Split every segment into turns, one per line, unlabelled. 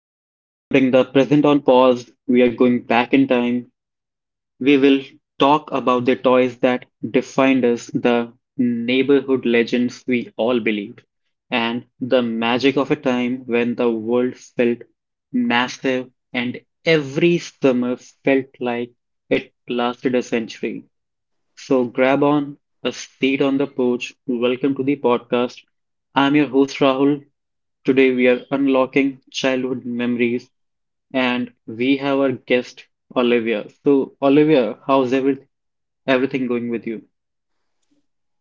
today we are putting the present on pause. We are going back in time. We will talk about the toys that defined us, the neighborhood legends we all believed, and the magic of a time when the world felt massive and every summer felt like it lasted a century. So grab on a seat on the porch. Welcome to the podcast. I'm your host Rahul. Today we are unlocking childhood memories and we have our guest Olivia. So Olivia, how's everything going with you?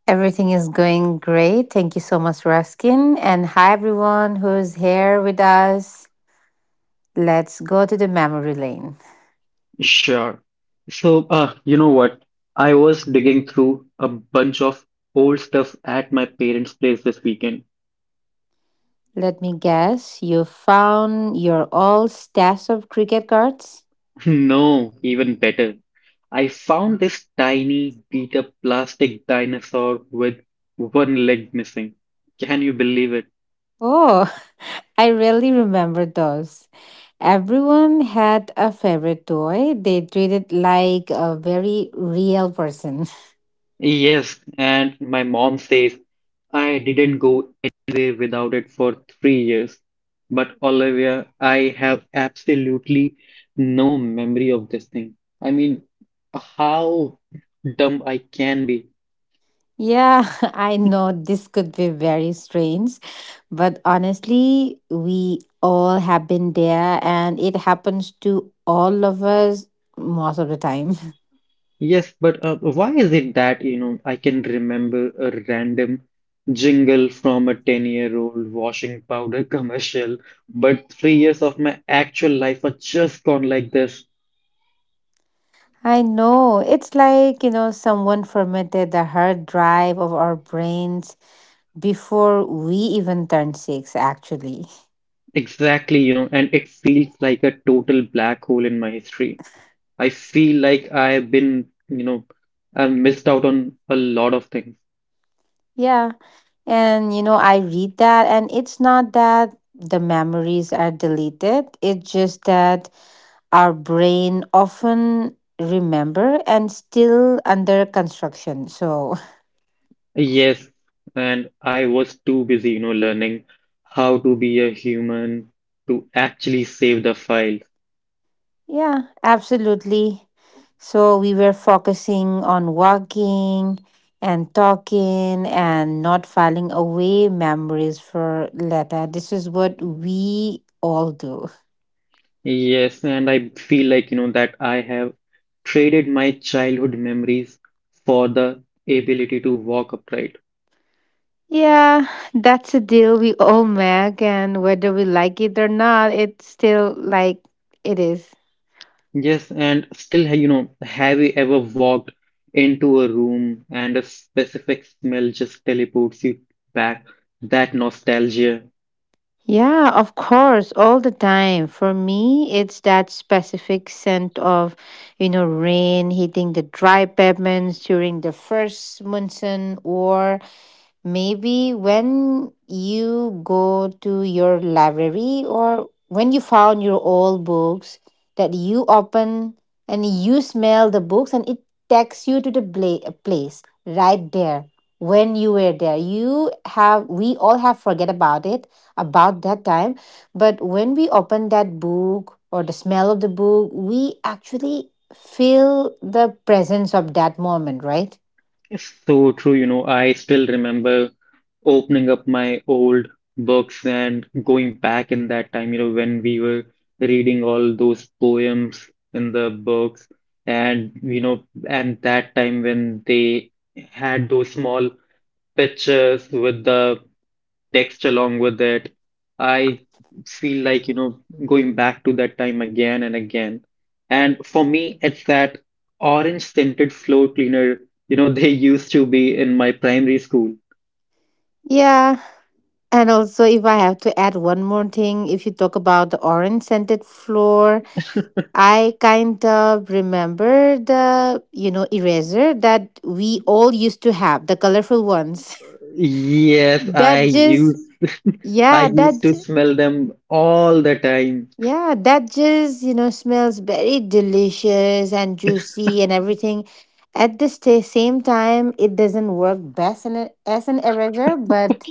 Everything is going great. Thank you so much for asking, and hi, everyone who's here with us. Let's go to the memory lane.
Sure. So you know what? I was digging through a bunch of old stuff at my parents' place this weekend.
Let me guess, you found your old stash of cricket cards?
No, even better. I found this tiny beat up plastic dinosaur with one leg missing. Can you believe it?
Oh, I really remember those. Everyone had a favorite toy. They treated like a very real person.
Yes, and my mom says I didn't go anywhere without it for 3 years. But Olivia, I have absolutely no memory of this thing. I mean, how dumb I can be.
Yeah, I know this could be very strange, but honestly, we all have been there and it happens to all of us most of the time.
Yes, but why is it that, I can remember a random jingle from a 10-year-old washing powder commercial, but 3 years of my actual life are just gone like this?
I know. It's like, someone formatted the hard drive of our brains before we even turned six, actually.
Exactly, and it feels like a total black hole in my history. I feel like I've been, you know, I've missed out on a lot of things.
Yeah. And, you know, I read that, and it's not that the memories are deleted, it's just that our brain often remember and still under construction. So,
Yes, and I was too busy, learning how to be a human to actually save the file.
yeah, absolutely. So, we were focusing on walking and talking and not filing away memories for later. This is what we all do.
Yes, and I feel like, that I have traded my childhood memories for the ability to walk upright.
Yeah, that's a deal we all make, and whether we like it or not, it's still like it is.
Yes, and still, have you ever walked into a room and a specific smell just teleports you back? That nostalgia
Yeah, of course, all the time. For me, it's that specific scent of, you know, rain hitting the dry pavements during the first monsoon, or maybe when you go to your library or when you found your old books that you open and you smell the books and it takes you to the place right there when you were there. You have, we all have forget about it, about that time. But when we open that book or the smell of the book, we actually feel the presence of that moment, right?
is so true. I still remember opening up my old books and going back in that time, when we were reading all those poems in the books, and that time when they had those small pictures with the text along with it. I feel like, going back to that time again and again. And for me, it's that orange scented floor cleaner, they used to be in my primary school.
Yeah, and also, if I have to add one more thing, if you talk about the orange scented floor, I kind of remember the, you know, eraser that we all used to have, the colorful ones.
Yes, I
That just,
used I
yeah,
used to smell them all the time.
yeah, that just, you know, smells very delicious and juicy and everything. At the same time, it doesn't work best in a, as an eraser, but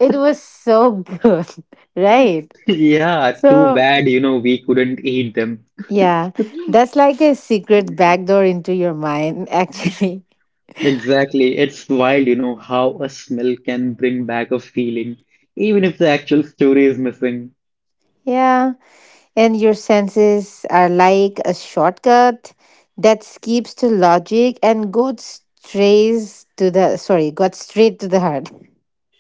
it was so good, right?
Yeah, too
So,
bad, we couldn't eat them.
yeah, that's like a secret backdoor into your mind, actually.
Exactly. It's wild, how a smell can bring back a feeling, even if the actual story is missing.
Yeah, and your senses are like a shortcut that skips to logic and goes strays to the sorry, got straight to the heart.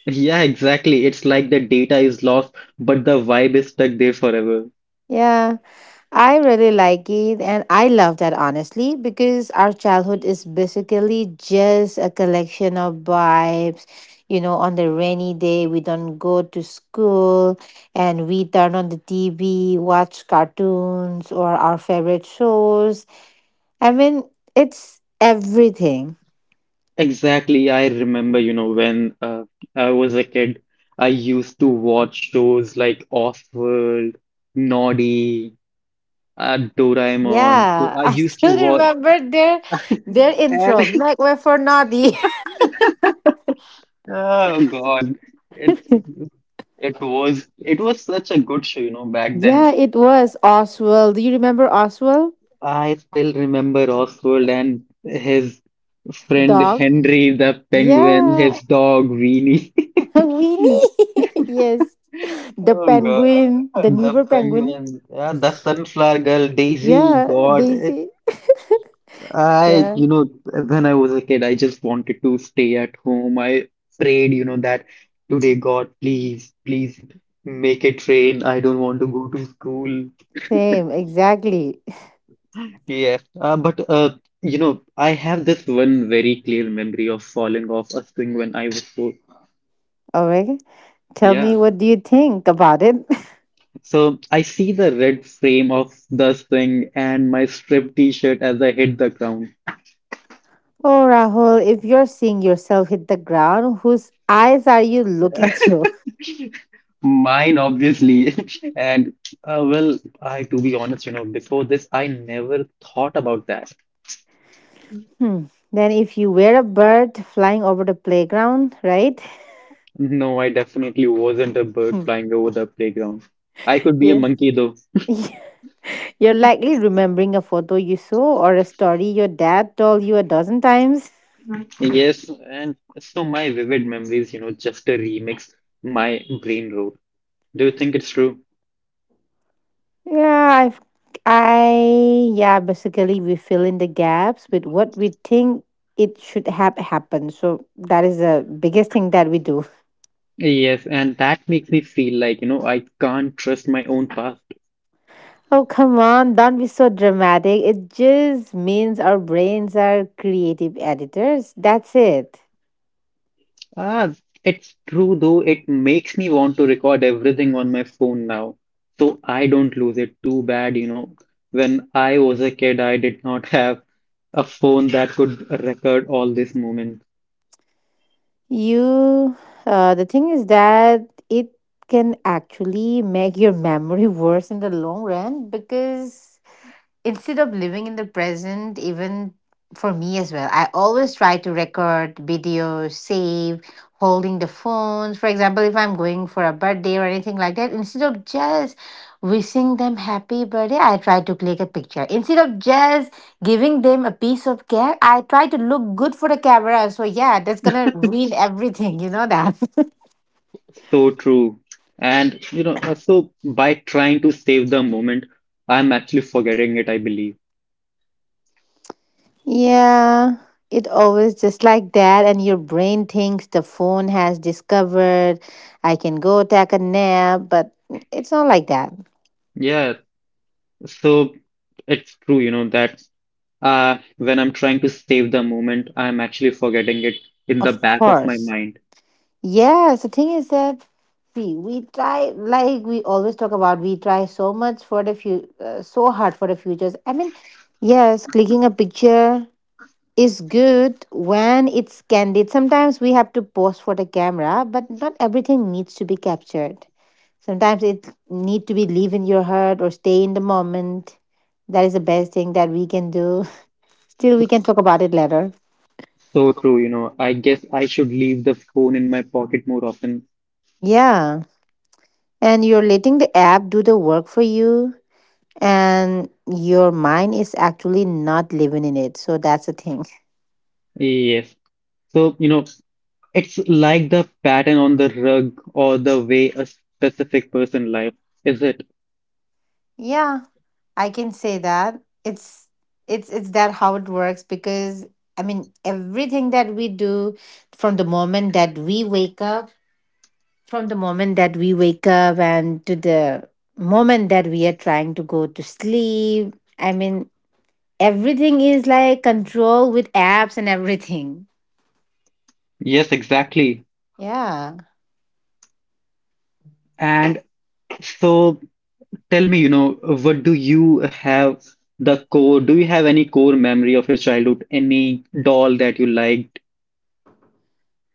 Yeah, exactly. It's like the data is lost, but the vibe is stuck there forever.
Yeah, I really like it and I love that honestly because our childhood is basically just a collection of vibes. You know, on the rainy day, we don't go to school and we turn on the TV, watch cartoons or our favorite shows. I mean, it's everything.
Exactly. I remember, when I was a kid, I used to watch shows like Offworld, Noddy, Doraemon. So
Yeah,
I
I
used to
still
watch,
remember their intro,
and
Make Way for Naughty.
oh God, it it was such a good show, back then.
Yeah, it was Oswald. Do you remember Oswald?
I still remember Oswald and his friend
Dog?
Henry the penguin, his
Yeah,
dog Weenie.
Winnie. Yes, the
Oh God,
penguin, the
the
Neighbor penguin.
penguin, yeah, the sunflower girl Daisy.
Yeah,
God, it,
Daisy.
I,
Yeah,
you know, when I was a kid, I just wanted to stay at home. I prayed, that today, God, please, please make it rain. I don't want to go to school.
same, exactly.
Yeah, but I have this one very clear memory of falling off a swing when I was 4.
All right, tell
Yeah,
me what do you think about it?
so I see the red frame of the swing and my striped t-shirt as I hit the ground.
Oh, Rahul, if you're seeing yourself hit the ground, whose eyes are you looking through?
Mine, obviously. And well, I to be honest, before this, I never thought about that.
Hmm. Then, if you were a bird flying over the playground, right?
No, I definitely wasn't a bird
Hmm.
flying over the playground. I could be a
Yeah.
monkey though.
You're likely remembering a photo you saw or a story your dad told you a dozen times.
Yes, and so my vivid memories, just a remix, my brain wrote. Do you think it's true?
Yeah, I've, yeah, basically we fill in the gaps with what we think it should have happened. So that is the biggest thing that we do.
Yes, and that makes me feel like, I can't trust my own past.
Oh, come on, don't be so dramatic. It just means our brains are creative editors. That's it.
Ah, it's true though, it makes me want to record everything on my phone now, so I don't lose it. Too bad, when I was a kid, I did not have a phone that could record all these moments.
You, the thing is that it can actually make your memory worse in the long run because instead of living in the present, even for me as well, I always try to record videos, save, holding the phones. For example, if I'm going for a birthday or anything like that, instead of just wishing them happy birthday, I try to click a picture. Instead of just giving them a piece of cake, I try to look good for the camera. So yeah, that's gonna ruin everything, you know that.
So true. And so by trying to save the moment, I'm actually forgetting it, I believe.
Yeah, it always just like that, and your brain thinks the phone has discovered I can go take a nap, but it's not like that,
Yeah, so it's true, that when I'm trying to save the moment, I'm actually forgetting it in the
of
back of my
course.
mind.
Yes, the thing is that see, we try like we always talk about. We try so much for the few, so hard for the futures. I mean, yes, clicking a picture is good when it's candid. Sometimes we have to pose for the camera, but not everything needs to be captured. Sometimes it need to be live in your heart or stay in the moment. That is the best thing that we can do. Still, we can talk about it later.
So true, I guess I should leave the phone in my pocket more often.
Yeah. And you're letting the app do the work for you, and your mind is actually not living in it. So that's the thing.
Yes. So, it's like the pattern on the rug or the way a specific person lives, is it?
Yeah, I can say that. It's that how it works because I mean everything that we do from the moment that we wake up From the moment that we wake up and to the moment that we are trying to go to sleep, I mean, everything is like control with apps and everything.
Yes, exactly.
Yeah.
And so tell me, what do you have the core? Do you have any core memory of your childhood? Any doll that you liked?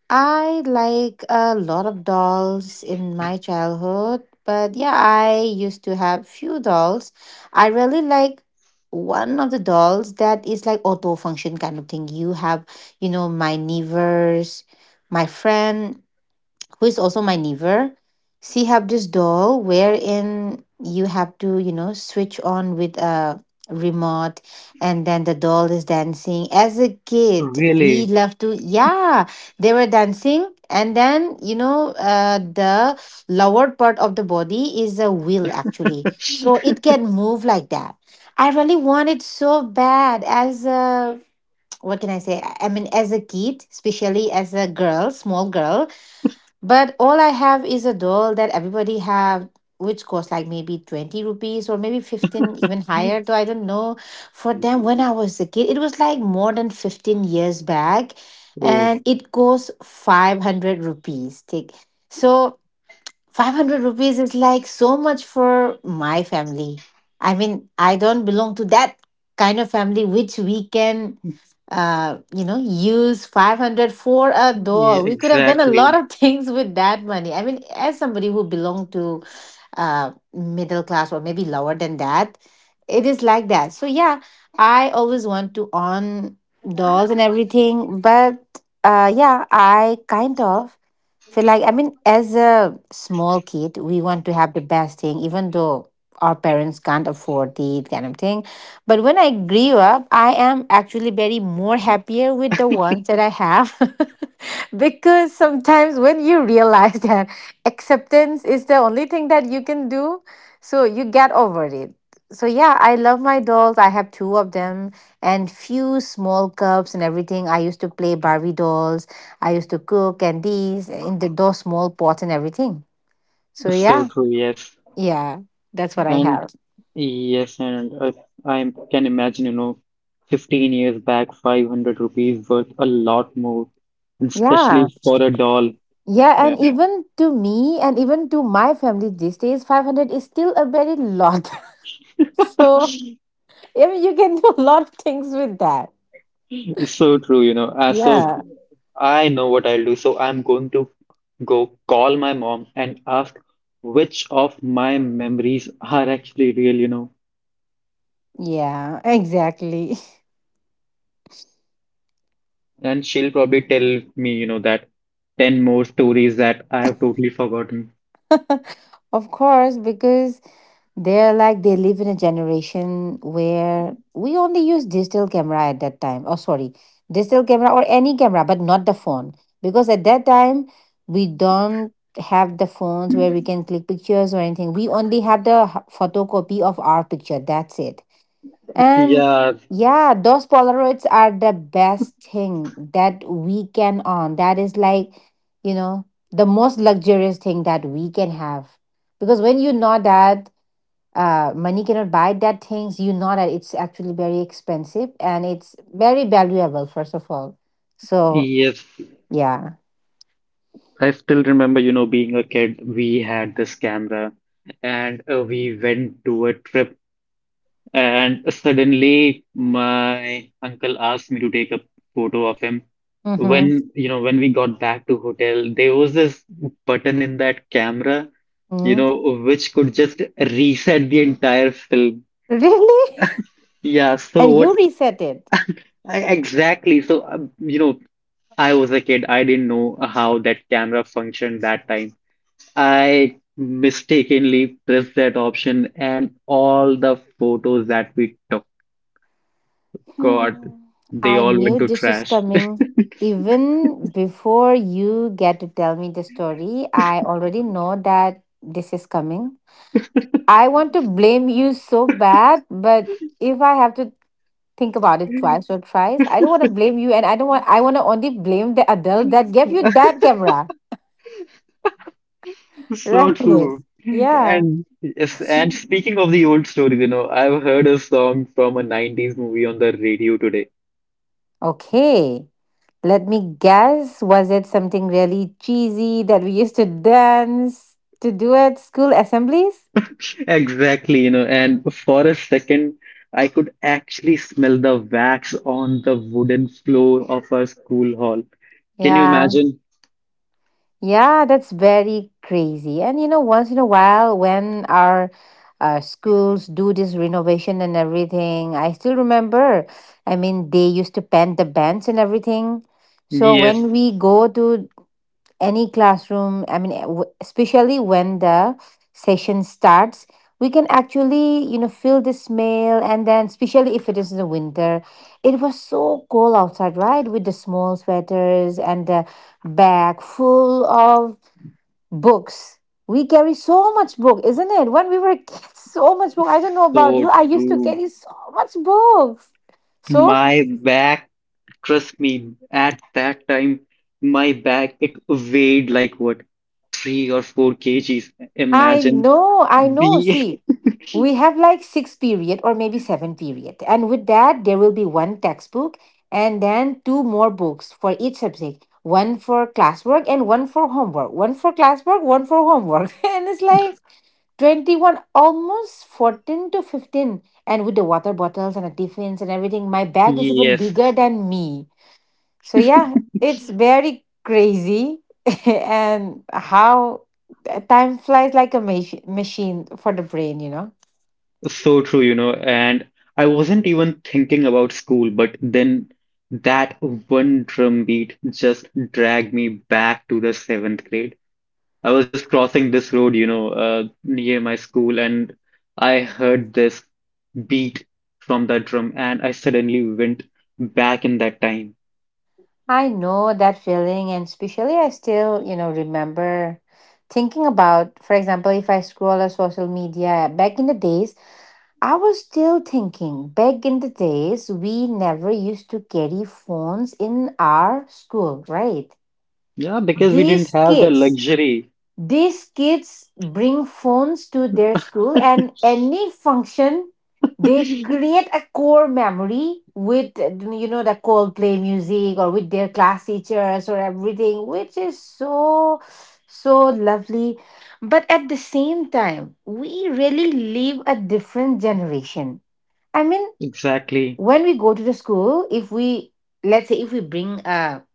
I like a lot of dolls in my childhood, but yeah, I used to have few dolls. I really like one of the dolls that is like auto function kind of thing. You have, you know, my neighbors, my friend, who is also my neighbor, she have this doll wherein you have to, you know, switch on with a remote, and then the doll is dancing. As a kid, we
Really?
love to, yeah, they were dancing. And then, you know, the lower part of the body is a wheel actually, so it can move like that. I really want it so bad as a, what can I say, I mean, as a kid, especially as a girl, small girl. But all I have is a doll that everybody have, which cost like maybe 20 rupees or maybe 15, even higher. Though I don't know. For them, when I was a kid, it was like more than 15 years back.
Oh,
And it cost 500 rupees. Take, so 500 rupees is like so much for my family. I mean, I don't belong to that kind of family which we can, you know, use 500 for a
yeah,
doll. We could have done a lot
exactly.
of things with that money. I mean, as somebody who belonged to middle class or maybe lower than that, it is like that. So, yeah, I always want to own dolls and everything. But yeah, I kind of. So, like, I mean, as a small kid, we want to have the best thing, even though our parents can't afford the kind of thing. But when I grew up, I am actually very more happier with the ones that I have. Because sometimes when you realize that acceptance is the only thing that you can do, so you get over it. So yeah, I love my dolls. I have two of them and few small cups and everything. I used to play Barbie dolls. I used to cook and these in the those small pots and everything. So
So
yeah,
true, yes.
yeah, that's what I
And
have.
yes, and I can imagine, 15 years back, 500 rupees worth a lot more, and
Yeah,
especially for a doll.
yeah,
Yeah.
and even to me and even to my family these days, 500 is still a very lot. So I mean, you can do a lot of things with that.
So true. So
Yeah,
I know what I'll do. So I'm going to go call my mom and ask which of my memories are actually real.
yeah, exactly.
And she'll probably tell me, that 10 more stories that I have totally forgotten.
Of course, because they're like they live in a generation where we only use digital camera at that time. Oh, sorry, digital camera or any camera, but not the phone. Because at that time, we don't have the phones where we can click pictures or anything. We only have the photocopy of our picture. That's it. And
Yeah,
yeah, those Polaroids are the best thing that we can own. That is like, you know, the most luxurious thing that we can have. Because when you know that money cannot buy that things, you know that it's actually very expensive and it's very valuable first of all, so
yes.
yeah.
I still remember, being a kid, we had this camera and we went to a trip. And suddenly, my uncle asked me to take a photo of him.
Mm-hmm.
When we got back to hotel, there was this button in that camera, you
Mm.
know, which could just reset the entire film.
Really?
Yeah, so
And you
what
reset it.
I, exactly. So, I was a kid. I didn't know how that camera functioned that time. I mistakenly pressed that option and all the photos that we took, God,
Hmm.
they
I
all
knew
went to
this is
trash.
coming. Even before you get to tell me the story, I already know that this is coming. I want to blame you so bad, but if I have to think about it twice or thrice. I don't want to blame you, and I don't want. I want to only blame the adult that gave you that camera,
So
right?
true.
Yeah.
And yes, and speaking of the old stories, I've heard a song from a 90s movie on the radio today.
Okay. Let me guess. Was it something really cheesy that we used to dance to do at school assemblies?
Exactly, and for a second, I could actually smell the wax on the wooden floor of our school hall. Can you
Yeah.
imagine?
Yeah, that's very crazy. And you know, once in a while, when our schools do this renovation and everything, I still remember. I mean, they used to paint the bench and everything. So
Yes,
when we go to any classroom, I mean, eh, especially when the session starts, we can actually, you know, feel the smell. And then, especially if it is in the winter, it was so cold outside, right? With the small sweaters and the bag full of books. We carry so much book, isn't it? When we were kids, so much book. I don't know about
so
you. I used to
true.
carry so much books. So
My back Trust me, at that time, my bag, it weighed like what, 3 or 4 kgs.
I
Imagine
know, I know.
being,
See, we have like six period or maybe seven period, and with that there will be one textbook and then two more books for each subject. One for classwork and one for homework. One for classwork, one for homework, and it's like 21 almost 14 to 15, and with the water bottles and the tiffins and everything, my bag is even
yes,
bigger than me. So yeah, it's very crazy. And how time flies, like a machine for the brain.
so true. And I wasn't even thinking about school, but then that one drum beat just dragged me back to the seventh grade. I was just crossing this road, near my school, and I heard this beat from that drum, and I suddenly went back in that time.
I know that feeling, and especially I still, remember thinking about, for example, if I scroll on social media back in the days. I was still thinking, back in the days, we never used to carry phones in our school, right?
Yeah, because we didn't
These
have the
kids,
luxury.
these kids bring phones to their school, and any function they create a core memory with the Coldplay music, or with their class teachers or everything, which is so, so lovely. But at the same time, we really live a different generation. I mean,
Exactly.
when we go to the school, if we let's say if we bring a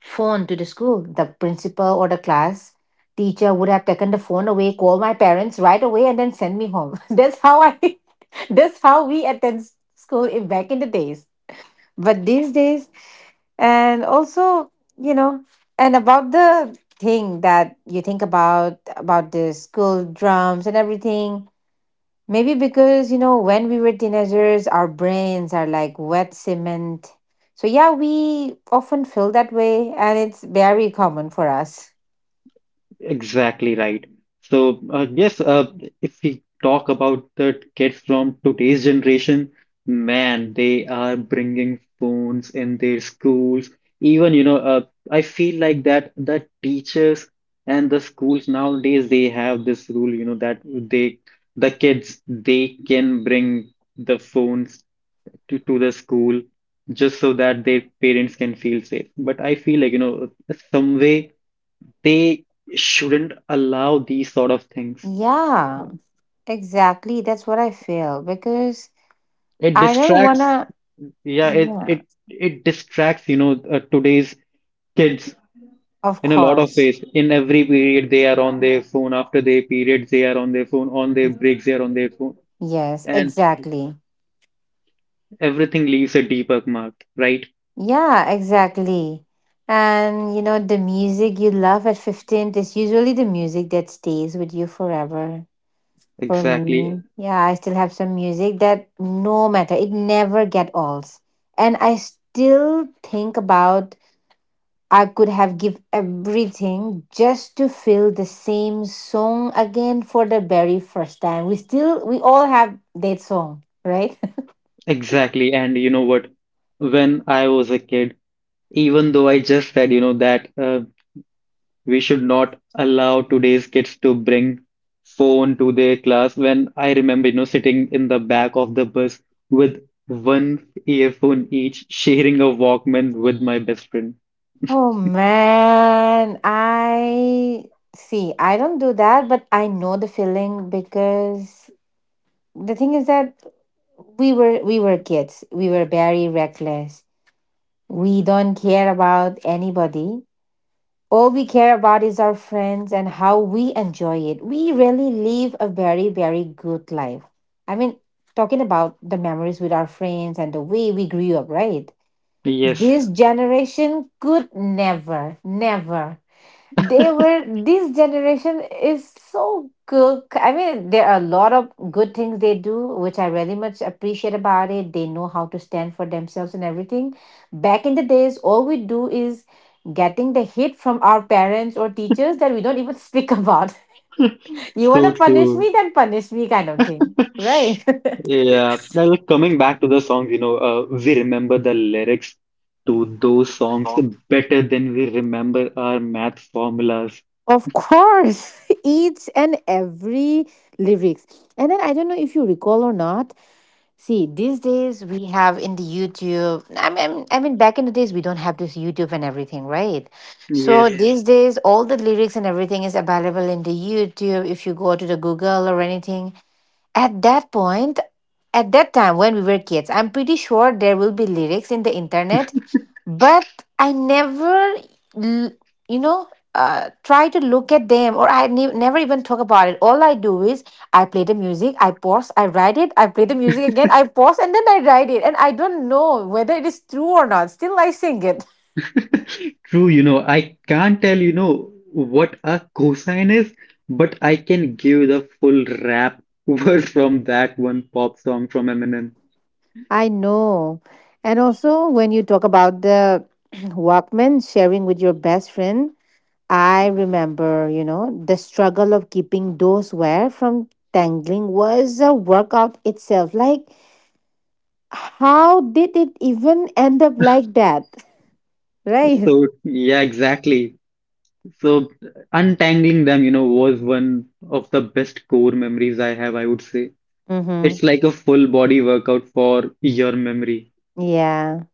phone to the school, the principal or the class teacher would have taken the phone away, called my parents right away, and then send me home. That's how I. That's how we attend school in, back in the days. But these days, and also, you know, and about the thing that you think about the school drums and everything. Maybe because, when we were teenagers, our brains are like wet cement. So, yeah, we often feel that way, and it's very common for us.
Exactly right. So, yes, if we talk about the kids from today's generation, man, they are bringing phones in their schools. Even, I feel like that the teachers and the schools nowadays, they have this rule, that they, the kids, they can bring the phones to the school just so that their parents can feel safe. But I feel like, some way, they shouldn't allow these sort of things.
Yeah, exactly. That's what I feel because
It
I don't
distracts,
wanna.
yeah, it
Yeah,
it it distracts, today's kids
of
in a lot of
course.
ways. In every period, they are on their phone. After their periods, they are on their phone. On their breaks, they are on their phone,
Yes,
and
exactly.
everything leaves a deeper mark, right?
Yeah, exactly. And the music you love at 15 is usually the music that stays with you forever. For
Exactly,
me, yeah, I still have some music that no matter, it never get old. And I still think about, I could have give everything just to feel the same song again for the very first time. We all have that song, right?
exactly. And you know what? When I was a kid, even though I just said, that we should not allow today's kids to bring phone to their class. When I remember, sitting in the back of the bus with one earphone each, sharing a Walkman with my best friend.
Oh man, I see. I don't do that, but I know the feeling, because the thing is that we were kids. We were very reckless. We don't care about anybody. All we care about is our friends and how we enjoy it. We really live a very, very good life. I mean, talking about the memories with our friends and the way we grew up, right?
Yes,
This generation could never, never. They were This generation is so good. I mean, there are a lot of good things they do, which I really much appreciate about it. They know how to stand for themselves and everything. Back in the days, all we do is getting the hit from our parents or teachers that we don't even speak about. You want
so
to punish
true.
me, then punish me kind of thing, right?
Yeah, now like, coming back to the songs, we remember the lyrics to those songs better than we remember our math formulas.
Of course. Each and every lyrics. And then I don't know if you recall or not. See, these days we have in the YouTube. I mean, back in the days we don't have this YouTube and everything, right? So yeah,
Yes,
these days all the lyrics and everything is available in the YouTube. If you go to the Google or anything, at that point, at that time when we were kids, I'm pretty sure there will be lyrics in the internet, but I never, l- you know, try to look at them. Or I never even talk about it. All I do is I play the music, I pause, I write it, I play the music again, I pause, and then I write it. And I don't know whether it is true or not. Still, I sing it.
true, I can't tell, what a cosine is, but I can give the full rap word from that one pop song from Eminem.
I know. And also, when you talk about the Walkman sharing with your best friend, I remember, the struggle of keeping those wire from tangling was a workout itself. Like, how did it even end up like that? Right.
So, yeah, exactly. So, untangling them, was one of the best core memories I have, I would say.
Mm-hmm.
It's like a full body workout for your memory.
Yeah.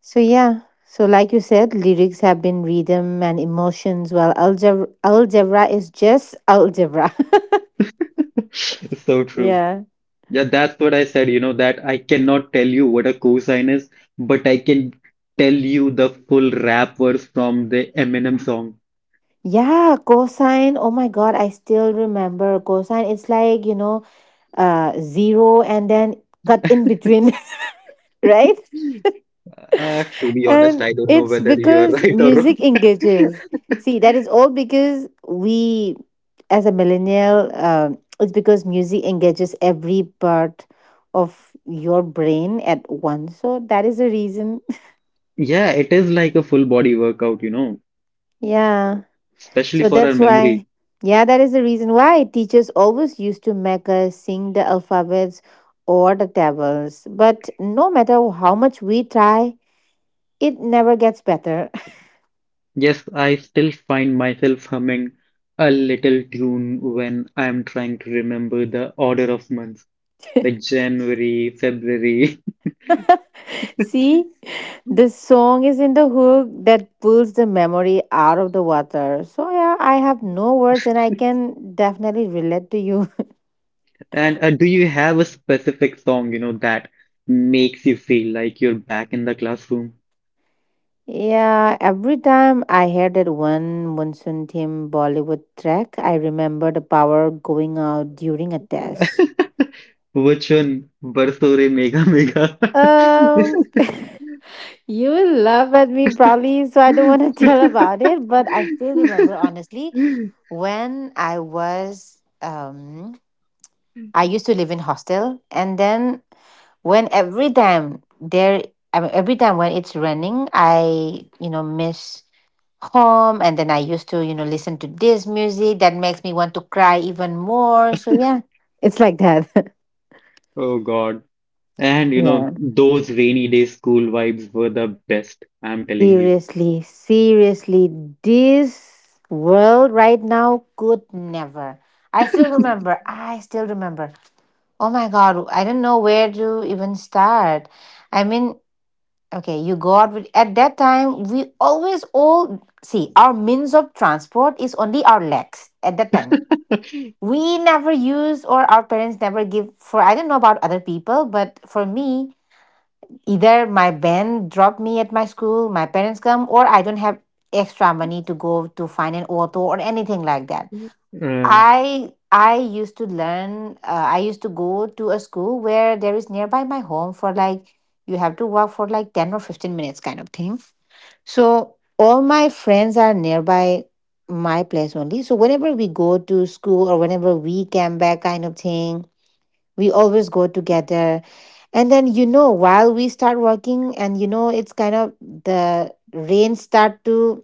So, yeah. So, like you said, lyrics have been rhythm and emotions, while algebra, algebra is just algebra.
So true.
Yeah.
Yeah, that's what I said, that I cannot tell you what a cosine is, but I can tell you the full rap verse from the Eminem song.
Yeah. Cosine. Oh my God. I still remember cosine. It's like, zero and then cut in between, right?
To be honest,
And
I don't know
it's
whether you are
because
right or wrong.
music engages. See, that is all because we, as a millennial, it's because music engages every part of your brain at once. So that is the reason.
Yeah, it is like a full body workout,
Yeah.
especially
So
for our
that's
memory.
why. Yeah, that is the reason why teachers always used to make us sing the alphabets or the tables. But no matter how much we try, it never gets better.
Yes, I still find myself humming a little tune when I'm trying to remember the order of months, like January, February,
See, the song is in the hook that pulls the memory out of the water. So, yeah, I have no words and I can definitely relate to you.
and do you have a specific song, that makes you feel like you're back in the classroom?
Yeah, every time I hear that one monsoon theme Bollywood track, I remember the power going out during a test.
Which one? Barso Re Mega Mega.
Um, you will laugh at me probably, so I don't want to tell about it. But I still remember honestly, when I was I used to live in hostel, and then when every time there I mean, every time when it's running, I miss home, and then I used to listen to this music that makes me want to cry even more. So yeah, it's like that.
Oh God. And
Yeah,
those rainy day school vibes were the best, I'm telling you.
seriously, seriously, this world right now could never. I still remember, I still remember. Oh my God, I don't know where to even start. I mean, okay, you go out with, at that time, we always all see our means of transport is only our legs at that time. We never use, or our parents never give, for I don't know about other people, but for me, either my band drop me at my school, my parents come, or I don't have extra money to go to find an auto or anything like that.
Uh,
I used to go to a school where there is nearby my home, for like you have to walk for like 10 or 15 minutes kind of thing. So all my friends are nearby my place only. So whenever we go to school or whenever we come back kind of thing, we always go together. And then while we start working, and it's kind of the rain start to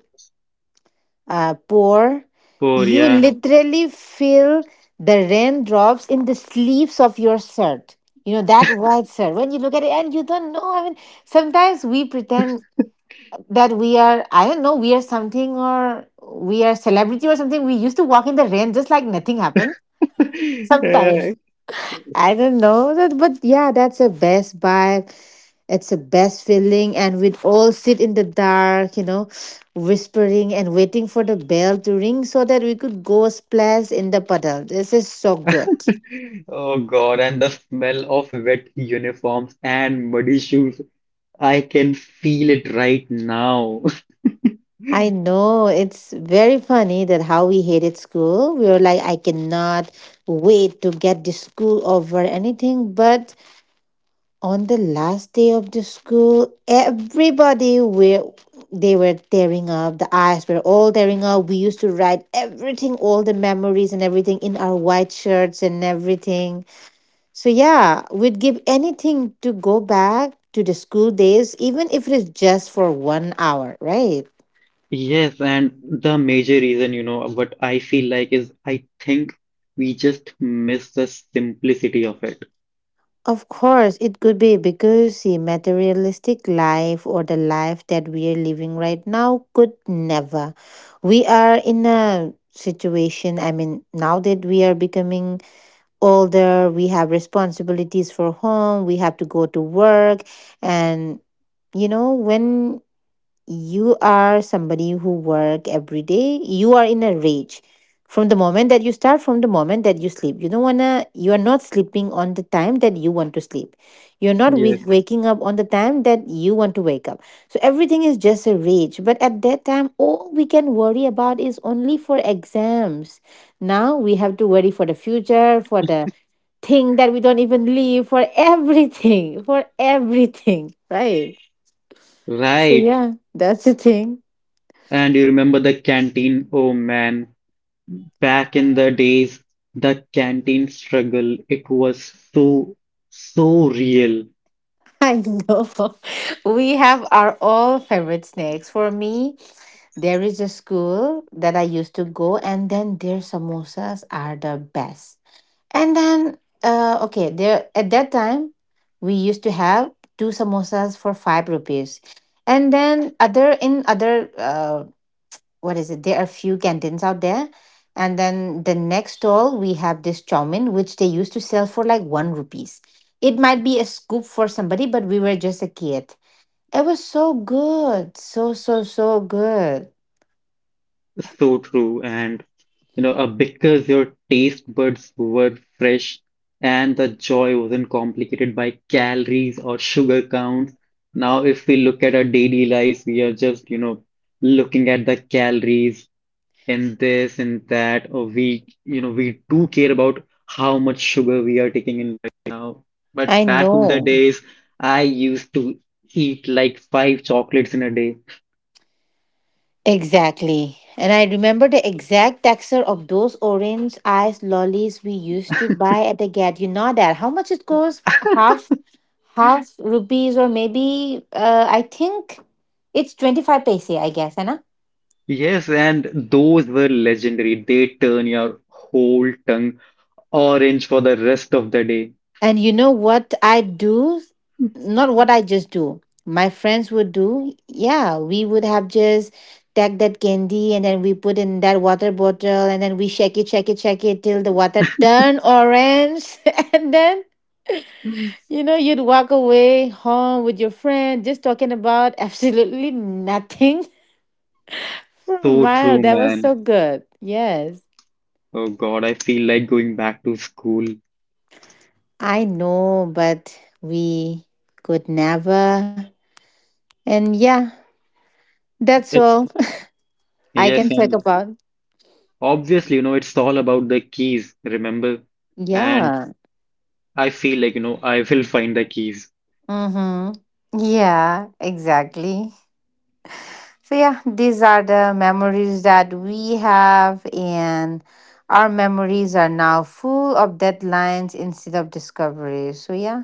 pour,
Poor,
you
yeah.
literally feel the raindrops in the sleeves of your shirt. You know that white shirt. When you look at it and you don't know, I mean, sometimes we pretend that we are, I don't know, we are something, or we are celebrity or something. We used to walk in the rain just like nothing happened sometimes.
Yeah.
Yes. I don't know that, but yeah, that's a best buy, it's a best feeling. And we'd all sit in the dark, whispering and waiting for the bell to ring so that we could go splash in the puddle. This is so good.
Oh God, and the smell of wet uniforms and muddy shoes. I can feel it right now.
I know, it's very funny that how we hated school. We were like, I cannot wait to get the school over anything. But on the last day of the school, everybody were they were tearing up. The eyes were all tearing up. We used to write everything, all the memories and everything, in our white shirts and everything. So yeah, we'd give anything to go back to the school days, even if it is just for 1 hour, right?
Yes, and the major reason, what I feel like is I think we just miss the simplicity of it.
Of course, it could be because the materialistic life or the life that we are living right now could never. We are in a situation, I mean, now that we are becoming older, we have responsibilities for home, we have to go to work. And when you are somebody who work every day, you are in a rage. From the moment that you start, from the moment that you sleep, you don't wanna you are not sleeping on the time that you want to sleep. You're not
Yes.
waking up on the time that you want to wake up. So everything is just a rage, but at that time all we can worry about is only for exams. Now we have to worry for the future, for the thing that we don't even leave for. Everything, for everything, right? So
Right.
yeah, that's the thing.
And you remember the canteen? Oh man, back in the days, the canteen struggle, it was so, so real.
I know. We have our all favorite snacks. For me, there is a school that I used to go, and then their samosas are the best. And then, okay, there at that time, we used to have two samosas for 5 rupees, and then other in other, what is it? There are few canteens out there. And then the next stall, we have this chow mein, which they used to sell for like 1 rupees. It might be a scoop for somebody, but we were just a kid. It was so good. So, so, so good.
So true. And, because your taste buds were fresh and the joy wasn't complicated by calories or sugar counts. Now, if we look at our daily lives, we are just, looking at the calories in this and that. Or we do care about how much sugar we are taking in right now. But
I
back in the
know.
days, I used to eat like five chocolates in a day.
Exactly. And I remember the exact texture of those orange ice lollies we used to buy at the get. You know that. How much it costs? Half half rupees, or maybe I think it's 25 paise, I guess, Anna.
Yes, and those were legendary. They turn your whole tongue orange for the rest of the day.
And you know what I do? Not what I just do, my friends would do. Yeah, we would have just take that candy and then we put in that water bottle and then we shake it, shake it, shake it till the water turn orange. And then, you'd walk away home with your friend just talking about absolutely nothing for a
So
while.
true,
That was so
man.
good. Yes.
Oh God, I feel like going back to school.
I know, but we could never. And yeah, that's
It's
all I can
Yes,
talk
and
about.
obviously, it's all about the keys, remember? And
Yeah.
I feel like, I will find the keys.
Mm-hmm. Yeah, exactly. So yeah, these are the memories that we have, and our memories are now full of deadlines instead of discoveries. So yeah.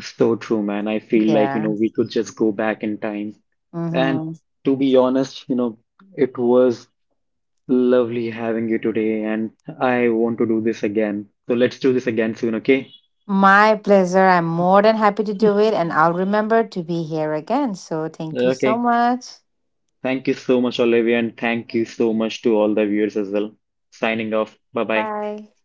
So true, man. I feel like,
Yeah.
we could just go back in time. And
Mm-hmm.
to be honest, it was lovely having you today, and I want to do this again. So let's do this again soon, okay?
My pleasure. I'm more than happy to do it, and I'll remember to be here again. So thank you so
Okay.
much.
Thank you so much, Olivia, and thank you so much to all the viewers as well. Signing off. Bye bye.
Bye.